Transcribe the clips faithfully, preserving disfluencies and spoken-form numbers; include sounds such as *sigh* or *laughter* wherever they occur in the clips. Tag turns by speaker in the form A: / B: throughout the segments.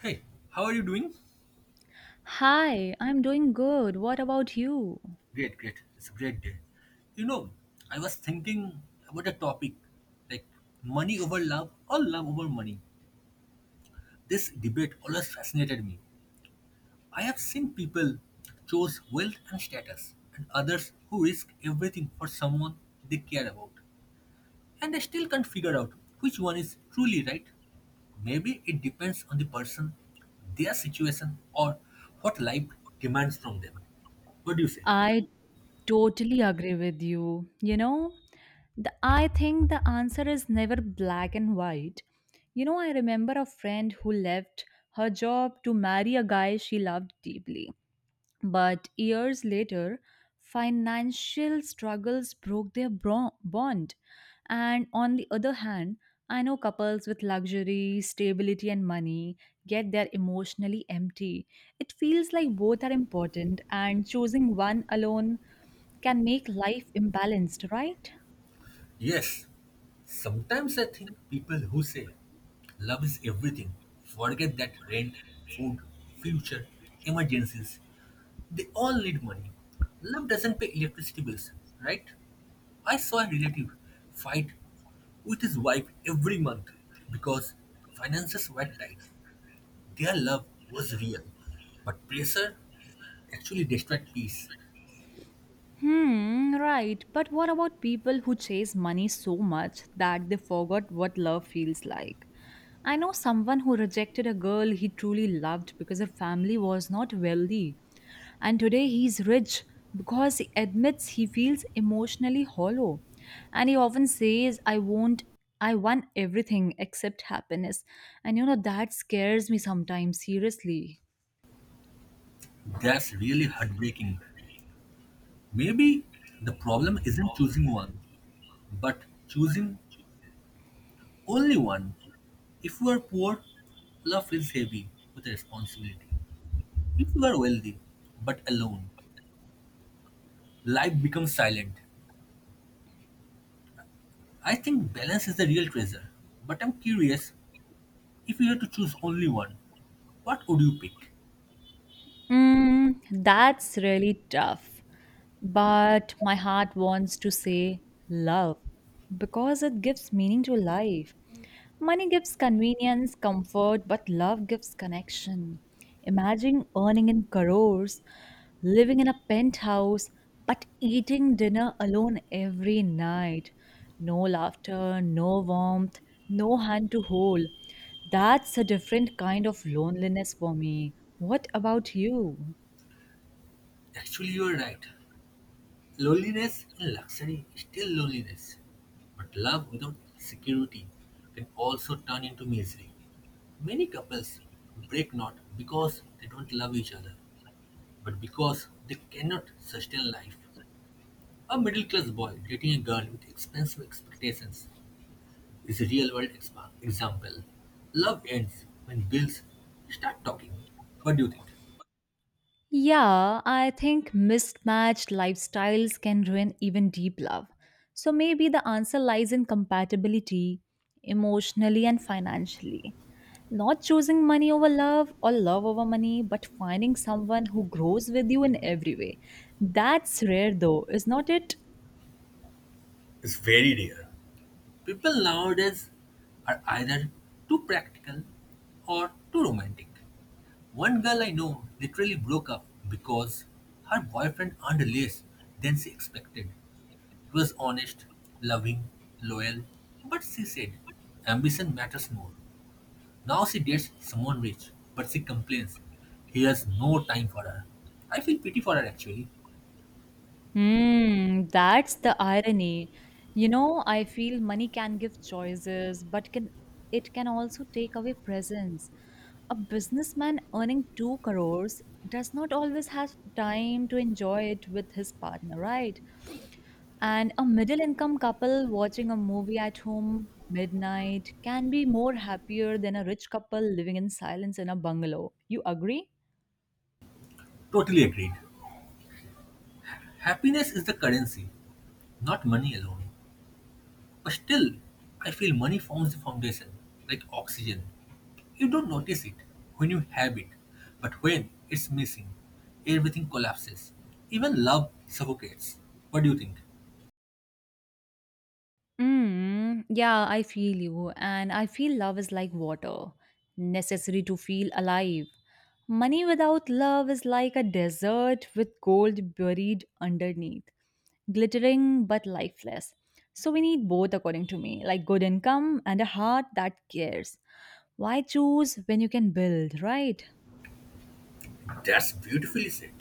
A: Hey, how are you doing?
B: Hi, I'm doing good. What about you?
A: Great, great. It's a great day. You know, I was thinking about a topic like money over love or love over money. This debate always fascinated me. I have seen people choose wealth and status, and others who risk everything for someone they care about. And they still can't figure out which one is truly right. Maybe it depends on the person, their situation, or what life demands from them. What do you say?
B: I totally agree with you. You know, the, I think the answer is never black and white. You know, I remember a friend who left her job to marry a guy she loved deeply. But years later, financial struggles broke their bro- bond. And on the other hand, I know couples with luxury, stability, and money get their emotionally empty. It feels like both are important, and choosing one alone can make life imbalanced, right?
A: Yes, sometimes I think people who say love is everything forget that rent, food, future, emergencies, they all need money. Love doesn't pay electricity bills, right? I saw a relative fight with his wife every month because finances were tight. Their love was real, but pressure actually destroyed peace.
B: Hmm, right. But what about people who chase money so much that they forgot what love feels like? I know someone who rejected a girl he truly loved because her family was not wealthy. And today he's rich because he admits he feels emotionally hollow. And he often says, I won't, I want everything except happiness. And you know, that scares me sometimes, seriously.
A: That's really heartbreaking. Maybe the problem isn't choosing one, but choosing only one. If you are poor, love is heavy with responsibility. If you are wealthy, but alone, life becomes silent. I think balance is the real treasure. But I'm curious, if you had to choose only one, what would you pick?
B: Mm, that's really tough. But my heart wants to say love because it gives meaning to life. Money gives convenience, comfort, but love gives connection. Imagine earning in crores living in a penthouse, but eating dinner alone every night. No laughter, no warmth, no hand to hold. That's a different kind of loneliness for me. What about you?
A: Actually, you are right. Loneliness and luxury is still loneliness. But love without security can also turn into misery. Many couples break not because they don't love each other, but because they cannot sustain life. A middle class boy dating a girl with expensive expectations is a real world expa- example. Love ends when bills start talking. What do you think?
B: Yeah, I think mismatched lifestyles can ruin even deep love. So maybe the answer lies in compatibility, emotionally and financially. Not choosing money over love or love over money, but finding someone who grows with you in every way. That's rare though, is not it?
A: It's very rare. People nowadays are either too practical or too romantic. One girl I know literally broke up because her boyfriend earned less than she expected. He was honest, loving, loyal, but she said ambition matters more. Now she dates someone rich, but she complains he has no time for her. I feel pity for her actually.
B: Hmm, that's the irony. You know, I feel money can give choices, but can it can also take away presence. A businessman earning two crores does not always have time to enjoy it with his partner, right? And a middle income couple watching a movie at home midnight can be more happier than a rich couple living in silence in a bungalow. You agree?
A: Totally agreed. Happiness is the currency, not money alone. But still, I feel money forms the foundation, like oxygen. You don't notice it when you have it, but when it's missing, everything collapses. Even love suffocates. What do you think?
B: Mm, yeah, I feel you. And I feel love is like water, necessary to feel alive. Money without love is like a desert with gold buried underneath, glittering but lifeless. So we need both, according to me, like good income and a heart that cares. Why choose when you can build, right?
A: That's beautifully said.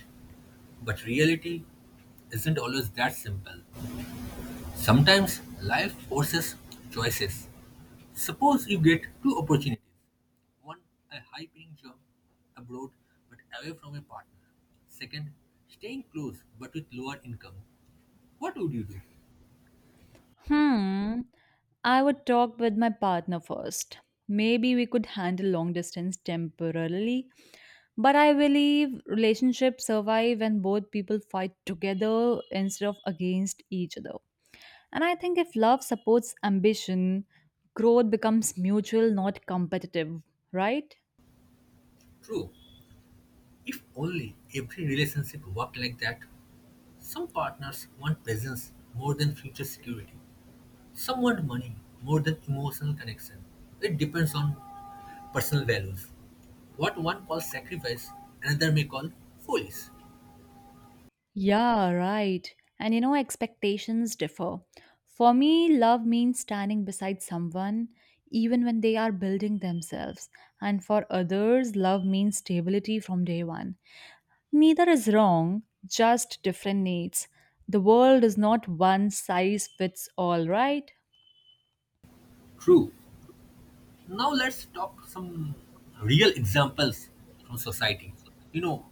A: But reality isn't always that simple. Sometimes life forces choices. Suppose you get two opportunities. One, a high paying job abroad but away from a partner. Second, staying close but with lower income. What would you do?
B: Hmm. I would talk with my partner first. Maybe we could handle long distance temporarily. But I believe relationships survive when both people fight together instead of against each other. And I think if love supports ambition, growth becomes mutual, not competitive, right?
A: True, if only every relationship worked like that. Some partners want presence more than future security, some want money more than emotional connection. It depends on personal values. What one calls sacrifice, another may call foolish.
B: Yeah, right. And you know, expectations differ. For me, love means standing beside someone even when they are building themselves. And for others, love means stability from day one. Neither is wrong, just different needs. The world is not one size fits all, right?
A: True. Now let's talk some real examples from society. You know,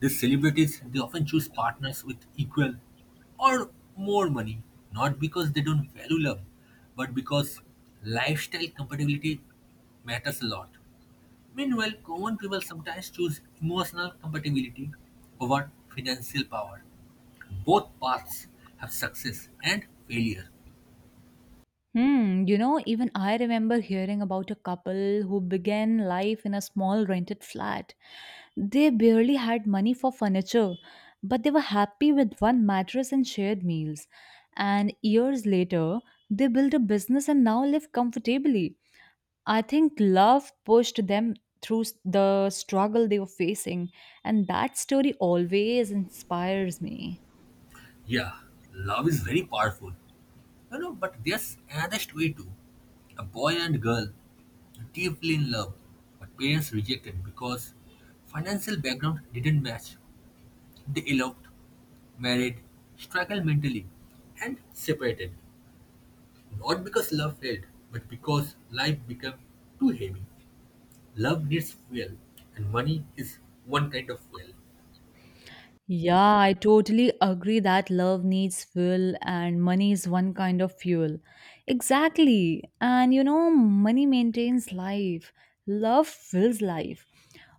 A: these celebrities, they often choose partners with equal or more money, not because they don't value love, but because lifestyle compatibility matters a lot. Meanwhile, common people sometimes choose emotional compatibility over financial power. Both paths have success and failure.
B: Hmm, you know, even I remember hearing about a couple who began life in a small rented flat. They barely had money for furniture, but they were happy with one mattress and shared meals. And years later, they built a business and now live comfortably. I think love pushed them through s- the struggle they were facing, and that story always inspires me.
A: Yeah, love is very powerful. You know, but there's honest way too. A boy and girl deeply in love, but parents rejected because financial background didn't match. They eloped, married, struggled mentally, and separated. Not because love failed, but because life became too heavy. Love needs fuel, and money is one kind of fuel.
B: Yeah, I totally agree that love needs fuel and money is one kind of fuel. Exactly. And you know, money maintains life, love fills life.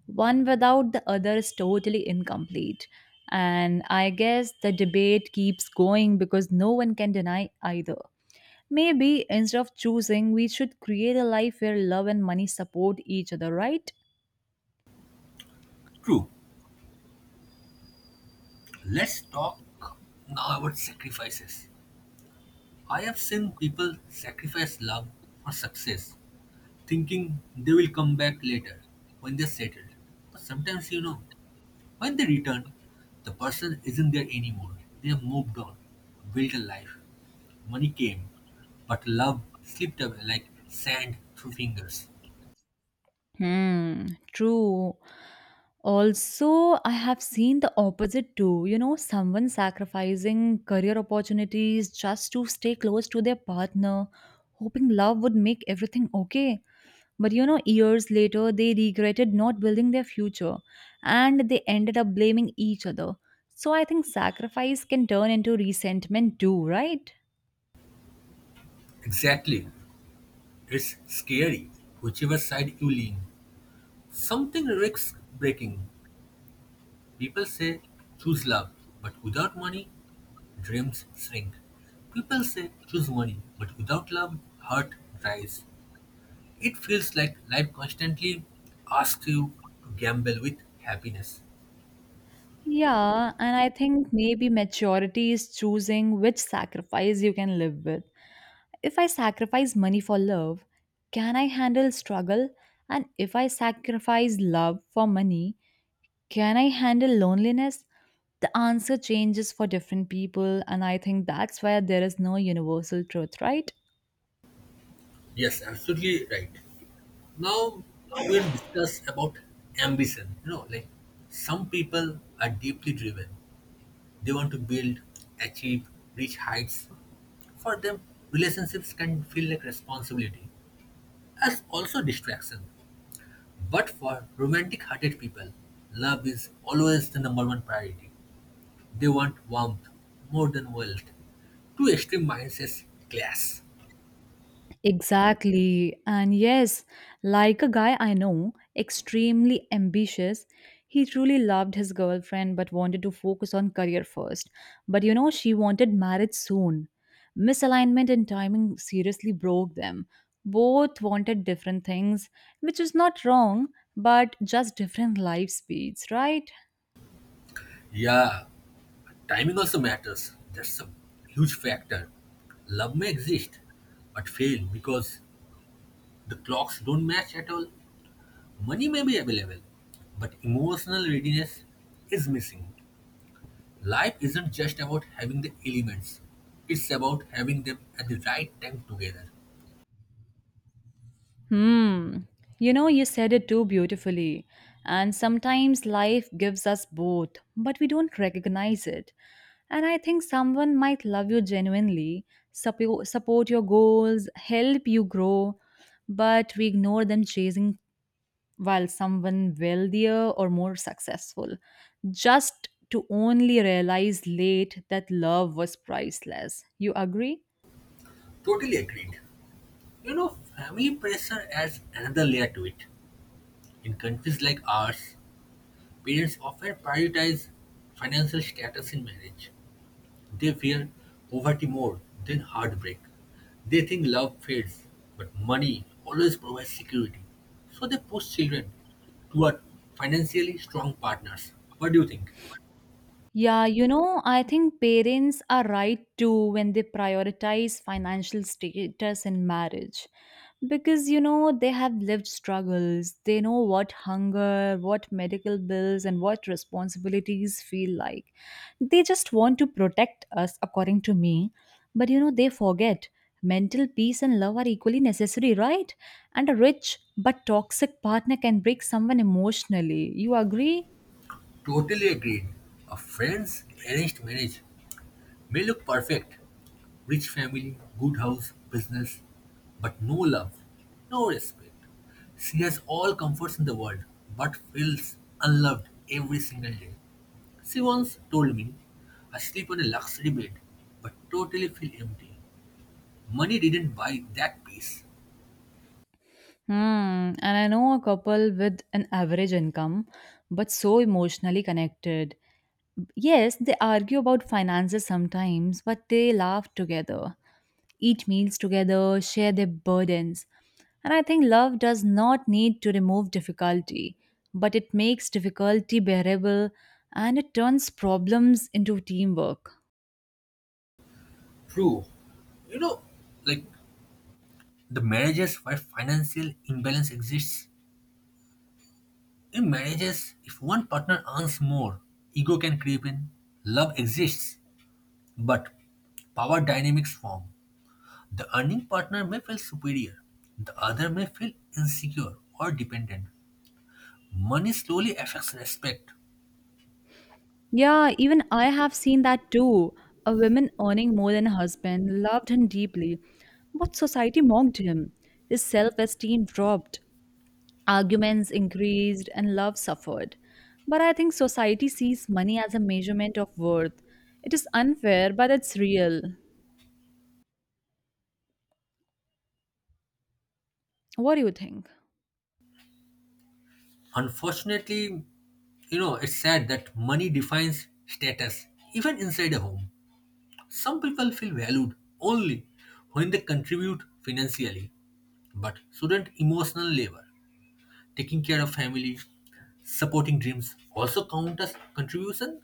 B: One without the other is totally incomplete. And I guess the debate keeps going because no one can deny either. Maybe instead of choosing, we should create a life where love and money support each other, right?
A: True. Let's talk now about sacrifices. I have seen people sacrifice love for success, thinking they will come back later when they're settled. But sometimes, you know, when they return, the person isn't there anymore. They have moved on, built a life. Money came, but love slipped away like sand through fingers.
B: Hmm, true. Also, I have seen the opposite too. You know, someone sacrificing career opportunities just to stay close to their partner, hoping love would make everything okay. But you know, years later, they regretted not building their future and they ended up blaming each other. So I think sacrifice can turn into resentment too, right?
A: Exactly. It's scary, whichever side you lean. Something risks breaking. People say choose love, but without money, dreams shrink. People say choose money, but without love, heart dries. It feels like life constantly asks you to gamble with happiness.
B: Yeah, and I think maybe maturity is choosing which sacrifice you can live with. If I sacrifice money for love, can I handle struggle? And if I sacrifice love for money, can I handle loneliness? The answer changes for different people, and I think that's why there is no universal truth, right?
A: Yes, absolutely right. Now we'll discuss about ambition. You know, like some people are deeply driven. They want to build, achieve, reach heights. For them, relationships can feel like responsibility as also distraction. But for romantic-hearted people, love is always the number one priority. They want warmth more than wealth. Two extreme mindsets clash.
B: Exactly. And yes, like a guy I know, extremely ambitious, he truly loved his girlfriend but wanted to focus on career first. But you know, she wanted marriage soon. Misalignment and timing seriously broke them. Both wanted different things, which is not wrong, but just different life speeds, right?
A: Yeah, timing also matters. That's a huge factor. Love may exist, but fail because the clocks don't match at all. Money may be available, but emotional readiness is missing. Life isn't just about having the elements, it's about having them at the right time together.
B: Hmm. You know, you said it too beautifully. And sometimes life gives us both, but we don't recognize it. And I think someone might love you genuinely, suppo- support your goals, help you grow, but we ignore them chasing while someone wealthier or more successful, just to only realize late that love was priceless. You agree?
A: Totally agreed. You know, family pressure adds another layer to it. In countries like ours, parents often prioritize financial status in marriage. They fear poverty more than heartbreak. They think love fades, but money always provides security. So they push children toward financially strong partners. What do you think?
B: Yeah, you know, I think parents are right too when they prioritize financial status in marriage. Because, you know, they have lived struggles. They know what hunger, what medical bills, and what responsibilities feel like. They just want to protect us, according to me. But, you know, they forget mental peace and love are equally necessary, right? And a rich but toxic partner can break someone emotionally. You agree?
A: Totally agreed. A friend's arranged marriage may look perfect. Rich family, good house, business, but no love, no respect. She has all comforts in the world, but feels unloved every single day. She once told me, I sleep on a luxury bed, but totally feel empty. Money didn't buy that peace.
B: Hmm, and I know a couple with an average income, but so emotionally connected. Yes, they argue about finances sometimes, but they laugh together, eat meals together, share their burdens. And I think love does not need to remove difficulty, but it makes difficulty bearable and it turns problems into teamwork.
A: True. You know, like the marriages where financial imbalance exists, in marriages, if one partner earns more, ego can creep in. Love exists, but power dynamics form. The earning partner may feel superior, the other may feel insecure or dependent. Money slowly affects respect.
B: Yeah, even I have seen that too. A woman earning more than a husband loved him deeply, but society mocked him. His self esteem dropped, arguments increased, and love suffered. But I think society sees money as a measurement of worth. It is unfair, but it's real. What do you think?
A: Unfortunately, you know, it's sad that money defines status, even inside a home. Some people feel valued only when they contribute financially, but shouldn't emotional labor, taking care of family, supporting dreams also count as contribution?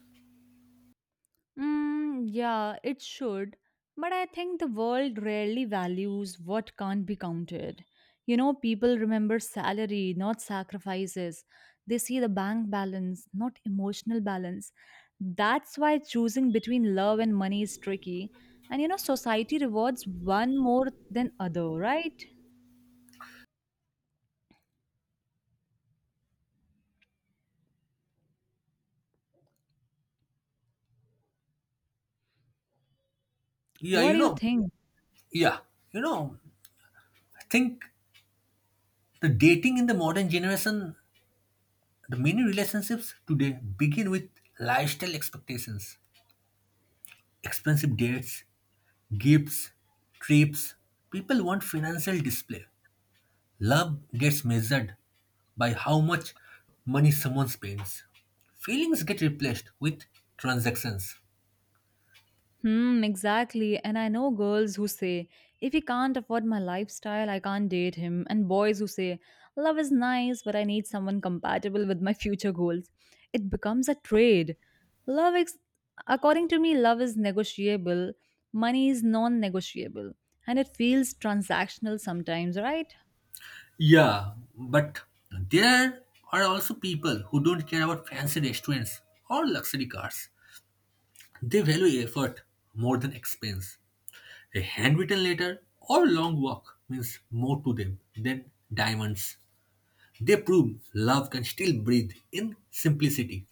B: Mm, yeah, it should. But I think the world rarely values what can't be counted. You know, people remember salary, not sacrifices. They see the bank balance, not emotional balance. That's why choosing between love and money is tricky. And you know, society rewards one more than other, right?
A: Yeah,
B: What
A: you
B: do you
A: know,
B: think?
A: yeah, you know, I think the dating in the modern generation, the many relationships today begin with lifestyle expectations, expensive dates, gifts, trips. People want financial display. Love gets measured by how much money someone spends. Feelings get replaced with transactions.
B: Hmm, exactly. And I know girls who say, if he can't afford my lifestyle, I can't date him. And boys who say, love is nice, but I need someone compatible with my future goals. It becomes a trade. Love, ex- According to me, love is negotiable, money is non negotiable, and it feels transactional sometimes, right?
A: Yeah, but there are also people who don't care about fancy restaurants or luxury cars. They value effort more than expense. A handwritten letter or long walk means more to them than diamonds. They prove love can still breathe in simplicity.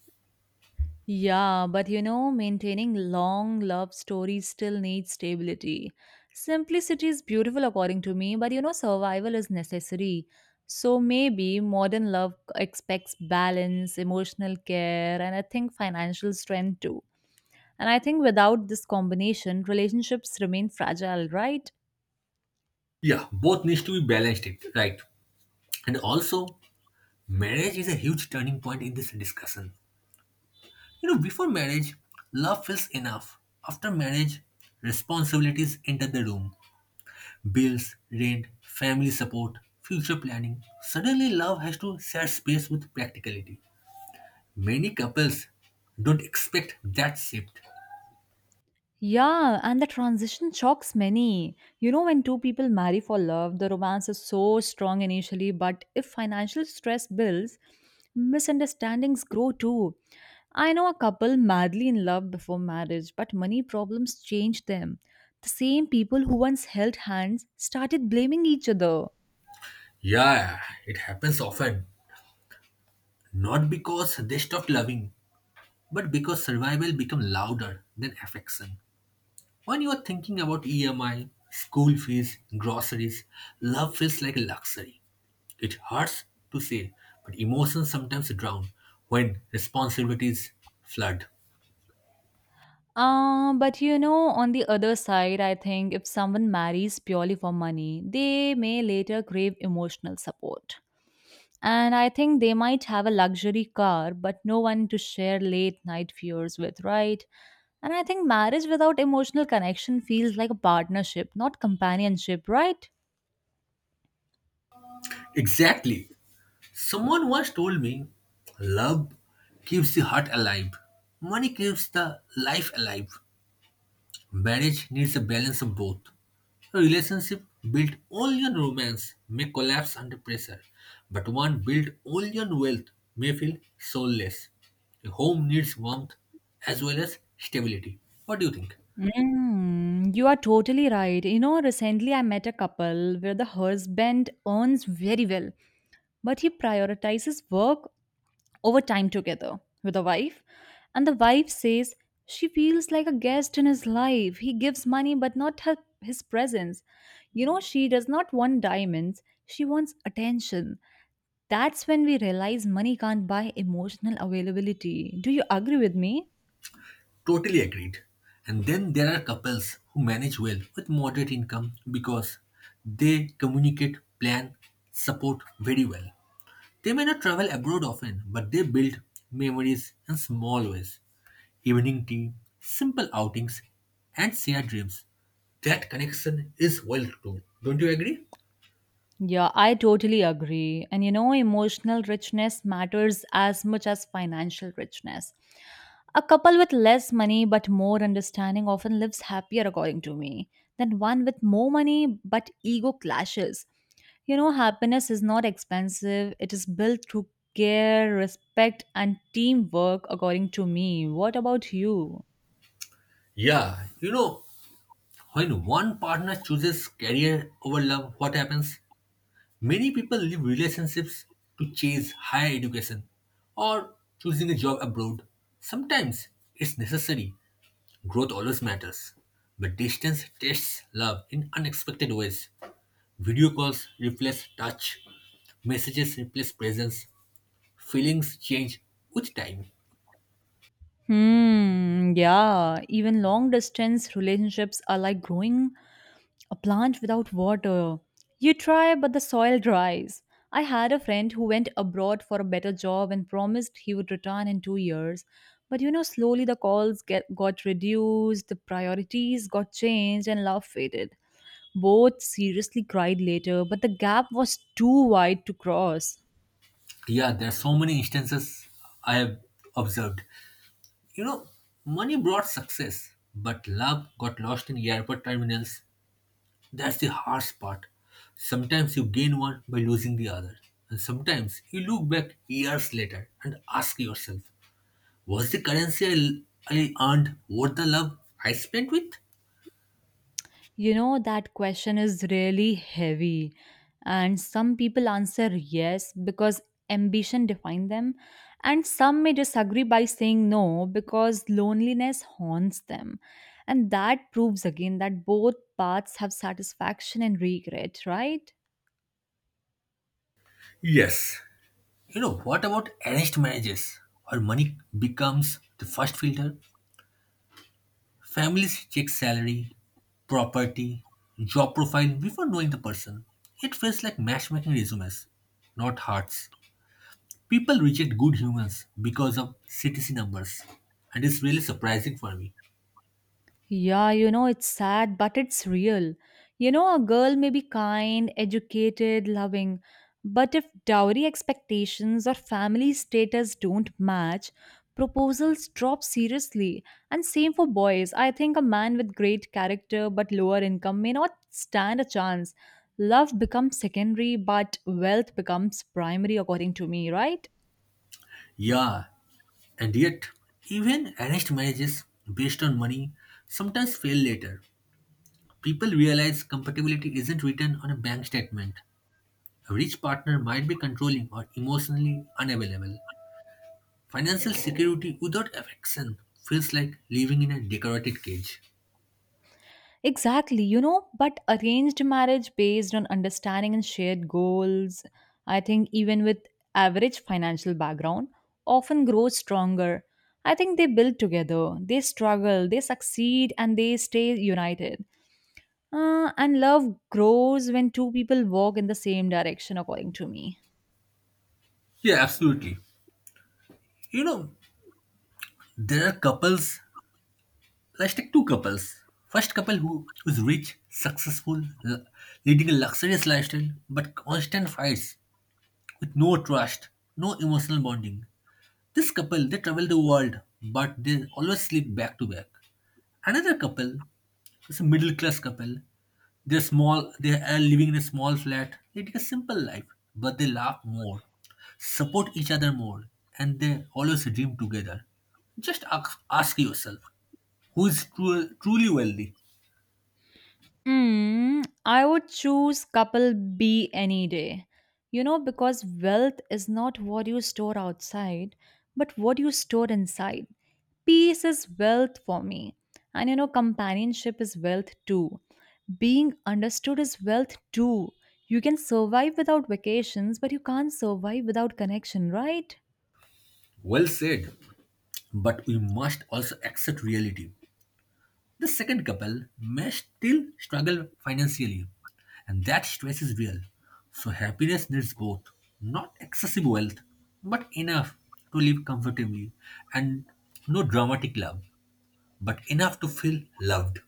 B: Yeah, but you know, maintaining long love stories still needs stability. Simplicity is beautiful, according to me, but you know, survival is necessary. So maybe modern love expects balance, emotional care, and I think financial strength too. And I think without this combination, relationships remain fragile, right?
A: Yeah, both needs to be balanced, it right? And also, marriage is a huge turning point in this discussion. You know, before marriage, love feels enough. After marriage, responsibilities enter the room. Bills, rent, family support, future planning. Suddenly, love has to share space with practicality. Many couples don't expect that shift.
B: Yeah, and the transition shocks many. You know, when two people marry for love, the romance is so strong initially, but if financial stress builds, misunderstandings grow too. I know a couple madly in love before marriage, but money problems changed them. The same people who once held hands started blaming each other.
A: Yeah, it happens often. Not because they stopped loving, but because survival becomes louder than affection. When you are thinking about E M I, school fees, groceries, love feels like a luxury. It hurts to say, but emotions sometimes drown when responsibilities flood.
B: Uh, but you know, on the other side, I think if someone marries purely for money, they may later crave emotional support. And I think they might have a luxury car, but no one to share late night fears with, right? And I think marriage without emotional connection feels like a partnership, not companionship, right?
A: Exactly. Someone once told me, love keeps the heart alive. Money keeps the life alive. Marriage needs a balance of both. A relationship built only on romance may collapse under pressure, but one built only on wealth may feel soulless. A home needs warmth as well as stability. What do you think?
B: Mm, you are totally right. You know, recently I met a couple where the husband earns very well, but he prioritizes work over time together with the wife. And the wife says she feels like a guest in his life. He gives money, but not her, his presence. You know, she does not want diamonds, she wants attention. That's when we realize money can't buy emotional availability. Do you agree with me?
A: Totally agreed. And then there are couples who manage well with moderate income because they communicate, plan, support very well. They may not travel abroad often, but they build memories in small ways. Evening tea, simple outings, and shared dreams. That connection is well too. Don't you agree?
B: Yeah, I totally agree. And you know, emotional richness matters as much as financial richness. A couple with less money but more understanding often lives happier, according to me, than one with more money but ego clashes. You know, happiness is not expensive, it is built through care, respect, and teamwork, according to me. What about you?
A: Yeah, you know, when one partner chooses career over love, what happens? Many people leave relationships to chase higher education or choosing a job abroad. Sometimes it's necessary, growth always matters. But distance tests love in unexpected ways. Video calls replace touch, messages replace presence, feelings change with time.
B: Hmm, yeah, even long distance relationships are like growing a plant without water. You try, but the soil dries. I had a friend who went abroad for a better job and promised he would return in two years. But you know, slowly the calls get, got reduced, the priorities got changed, and love faded. Both seriously cried later, but the gap was too wide to cross.
A: Yeah, there are so many instances I have observed. You know, money brought success, but love got lost in airport terminals. That's the harsh part. Sometimes you gain one by losing the other. And sometimes you look back years later and ask yourself, was the currency I, I earned worth the love I spent with?
B: You know, that question is really heavy. And some people answer yes because ambition defines them, and some may disagree by saying no because loneliness haunts them. And that proves again that both paths have satisfaction and regret, right?
A: Yes. You know, what about arranged marriages where money becomes the first filter? Families check salary, property, job profile before knowing the person. It feels like matchmaking resumes, not hearts. People reject good humans because of C T C numbers, and it's really surprising for me.
B: Yeah, you know, it's sad, but it's real. You know, a girl may be kind, educated, loving, but if dowry expectations or family status don't match, proposals drop seriously. And same for boys. I think a man with great character but lower income may not stand a chance. Love becomes secondary, but wealth becomes primary, according to me, right?
A: Yeah, and yet, even arranged marriages based on money sometimes fail later. People realize compatibility isn't written on a bank statement. A rich partner might be controlling or emotionally unavailable. Financial security without affection feels like living in a decorated cage.
B: Exactly, you know, but arranged marriage based on understanding and shared goals, I think even with average financial background, often grows stronger. I think they build together, they struggle, they succeed, and they stay united. Uh, and love grows when two people walk in the same direction, according to me.
A: Yeah, absolutely. You know, there are couples. Let's take two couples. First couple who is rich, successful, l- leading a luxurious lifestyle, but constant fights with no trust, no emotional bonding. This couple, they travel the world, but they always sleep back to back. Another couple is a middle class couple. They're small. They are living in a small flat, leading a simple life, but they laugh more, support each other more, and they always dream together. Just ask, ask yourself who is tru- truly wealthy.
B: Mm, I would choose couple B any day. You know, because wealth is not what you store outside, but what you store inside. Peace is wealth for me. And you know, companionship is wealth too. Being understood is wealth too. You can survive without vacations, but you can't survive without connection, right?
A: Well said, but we must also accept reality. The second couple may still struggle financially, and that stress is real. So, happiness needs both. Not excessive wealth, but enough to live comfortably, and no dramatic love, but enough to feel loved.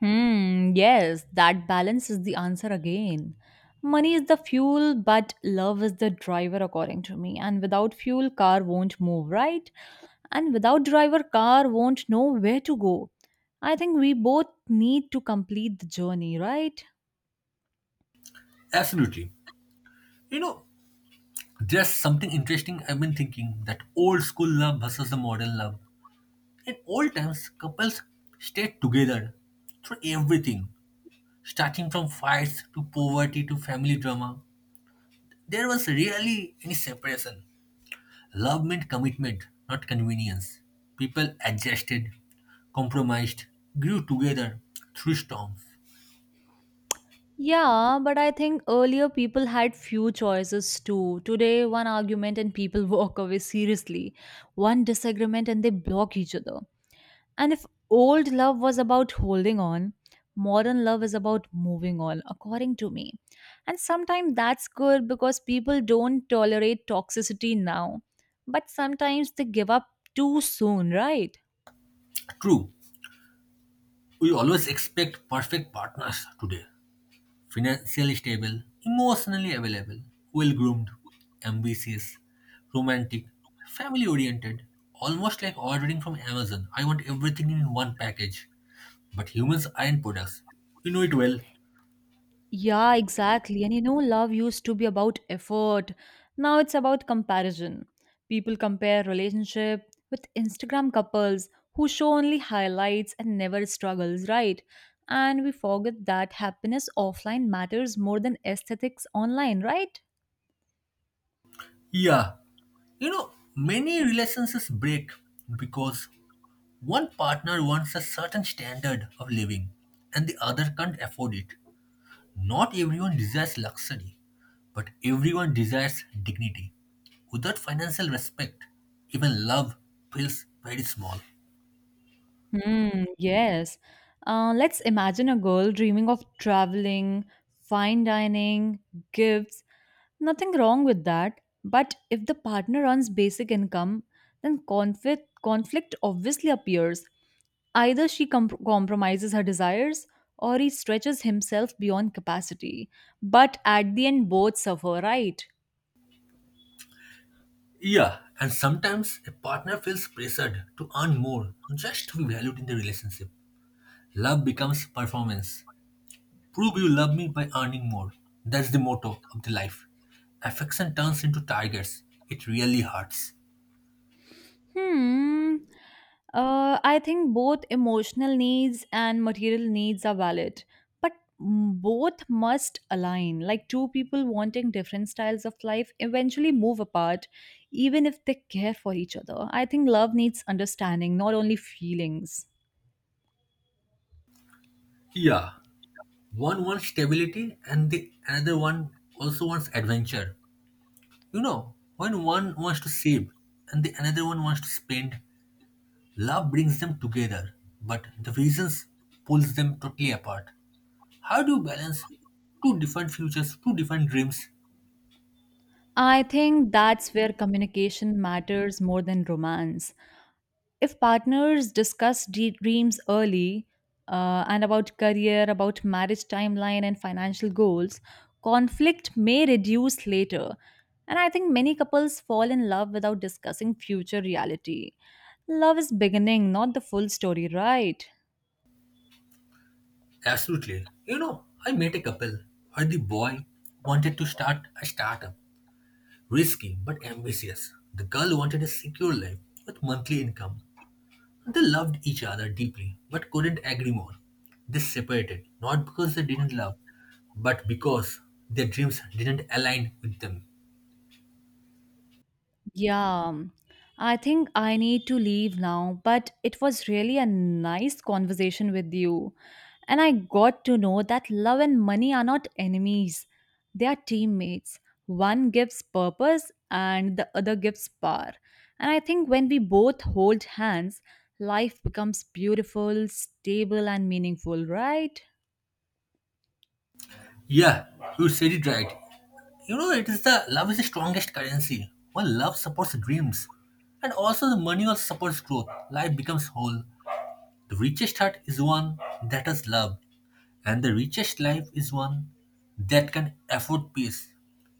B: Hmm, yes, that balance is the answer again. Money is the fuel, but love is the driver, according to me. And without fuel, car won't move, right? And without driver, car won't know where to go. I think we both need to complete the journey, right?
A: Absolutely. You know, there's something interesting I've been thinking, that old school love versus the modern love. In old times, couples stayed together through everything. Starting from fights to poverty to family drama, there was rarely any separation. Love meant commitment, not convenience. People adjusted, compromised, grew together through storms.
B: Yeah, but I think earlier people had few choices too. Today, one argument and people *laughs* walk away seriously. One disagreement and they block each other. And if old love was about holding on, modern love is about moving on, according to me. And sometimes that's good because people don't tolerate toxicity now. But sometimes they give up too soon, right?
A: True, we always expect perfect partners today: financially stable, emotionally available, well groomed, ambitious, romantic, family oriented. Almost like ordering from Amazon, I want everything in one package. But humans aren't products. You know it well.
B: Yeah, exactly. And you know, love used to be about effort. Now it's about comparison. People compare relationship with Instagram couples who show only highlights and never struggles, right? And we forget that happiness offline matters more than aesthetics online, right?
A: Yeah. You know, many relationships break because one partner wants a certain standard of living and the other can't afford it. Not everyone desires luxury, but everyone desires dignity. Without financial respect, even love feels very small.
B: Hmm, yes. Uh, let's imagine a girl dreaming of traveling, fine dining, gifts. Nothing wrong with that. But if the partner earns basic income, then conflict, conflict obviously appears. Either she com- compromises her desires or he stretches himself beyond capacity. But at the end, both suffer, right?
A: Yeah, and sometimes a partner feels pressured to earn more just to be valued in the relationship. Love becomes performance. Prove you love me by earning more. That's the motto of the life. Affection turns into tigers. It really hurts.
B: Hmm. Uh, I think both emotional needs and material needs are valid, but m- both must align. Like two people wanting different styles of life eventually move apart, even if they care for each other. I think love needs understanding, not only feelings.
A: Yeah, one wants stability and the another one also wants adventure. You know, when one wants to save and the another one wants to spend, love brings them together, but the reasons pulls them totally apart. How do you balance two different futures, two different dreams?
B: I think that's where communication matters more than romance. If partners discuss de- dreams early, uh, and about career, about marriage timeline, and financial goals, conflict may reduce later. And I think many couples fall in love without discussing future reality. Love is beginning, not the full story, right?
A: Absolutely. You know, I met a couple where the boy wanted to start a startup. Risky but ambitious, the girl wanted a secure life with monthly income. They loved each other deeply but couldn't agree more. They separated not because they didn't love, but because their dreams didn't align with them.
B: Yeah, I think I need to leave now, but it was really a nice conversation with you. And I got to know that love and money are not enemies, they are teammates. One gives purpose and the other gives power. And I think when we both hold hands, life becomes beautiful, stable, and meaningful, right?
A: Yeah, you said it right. You know, it is the love is the strongest currency. When love supports dreams, and also the money also supports growth, life becomes whole. The richest heart is one that has love, and the richest life is one that can afford peace.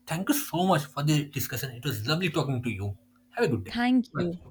A: Thank you so much for the discussion. It was lovely talking to you. Have a good day.
B: Thank you.
A: Bye.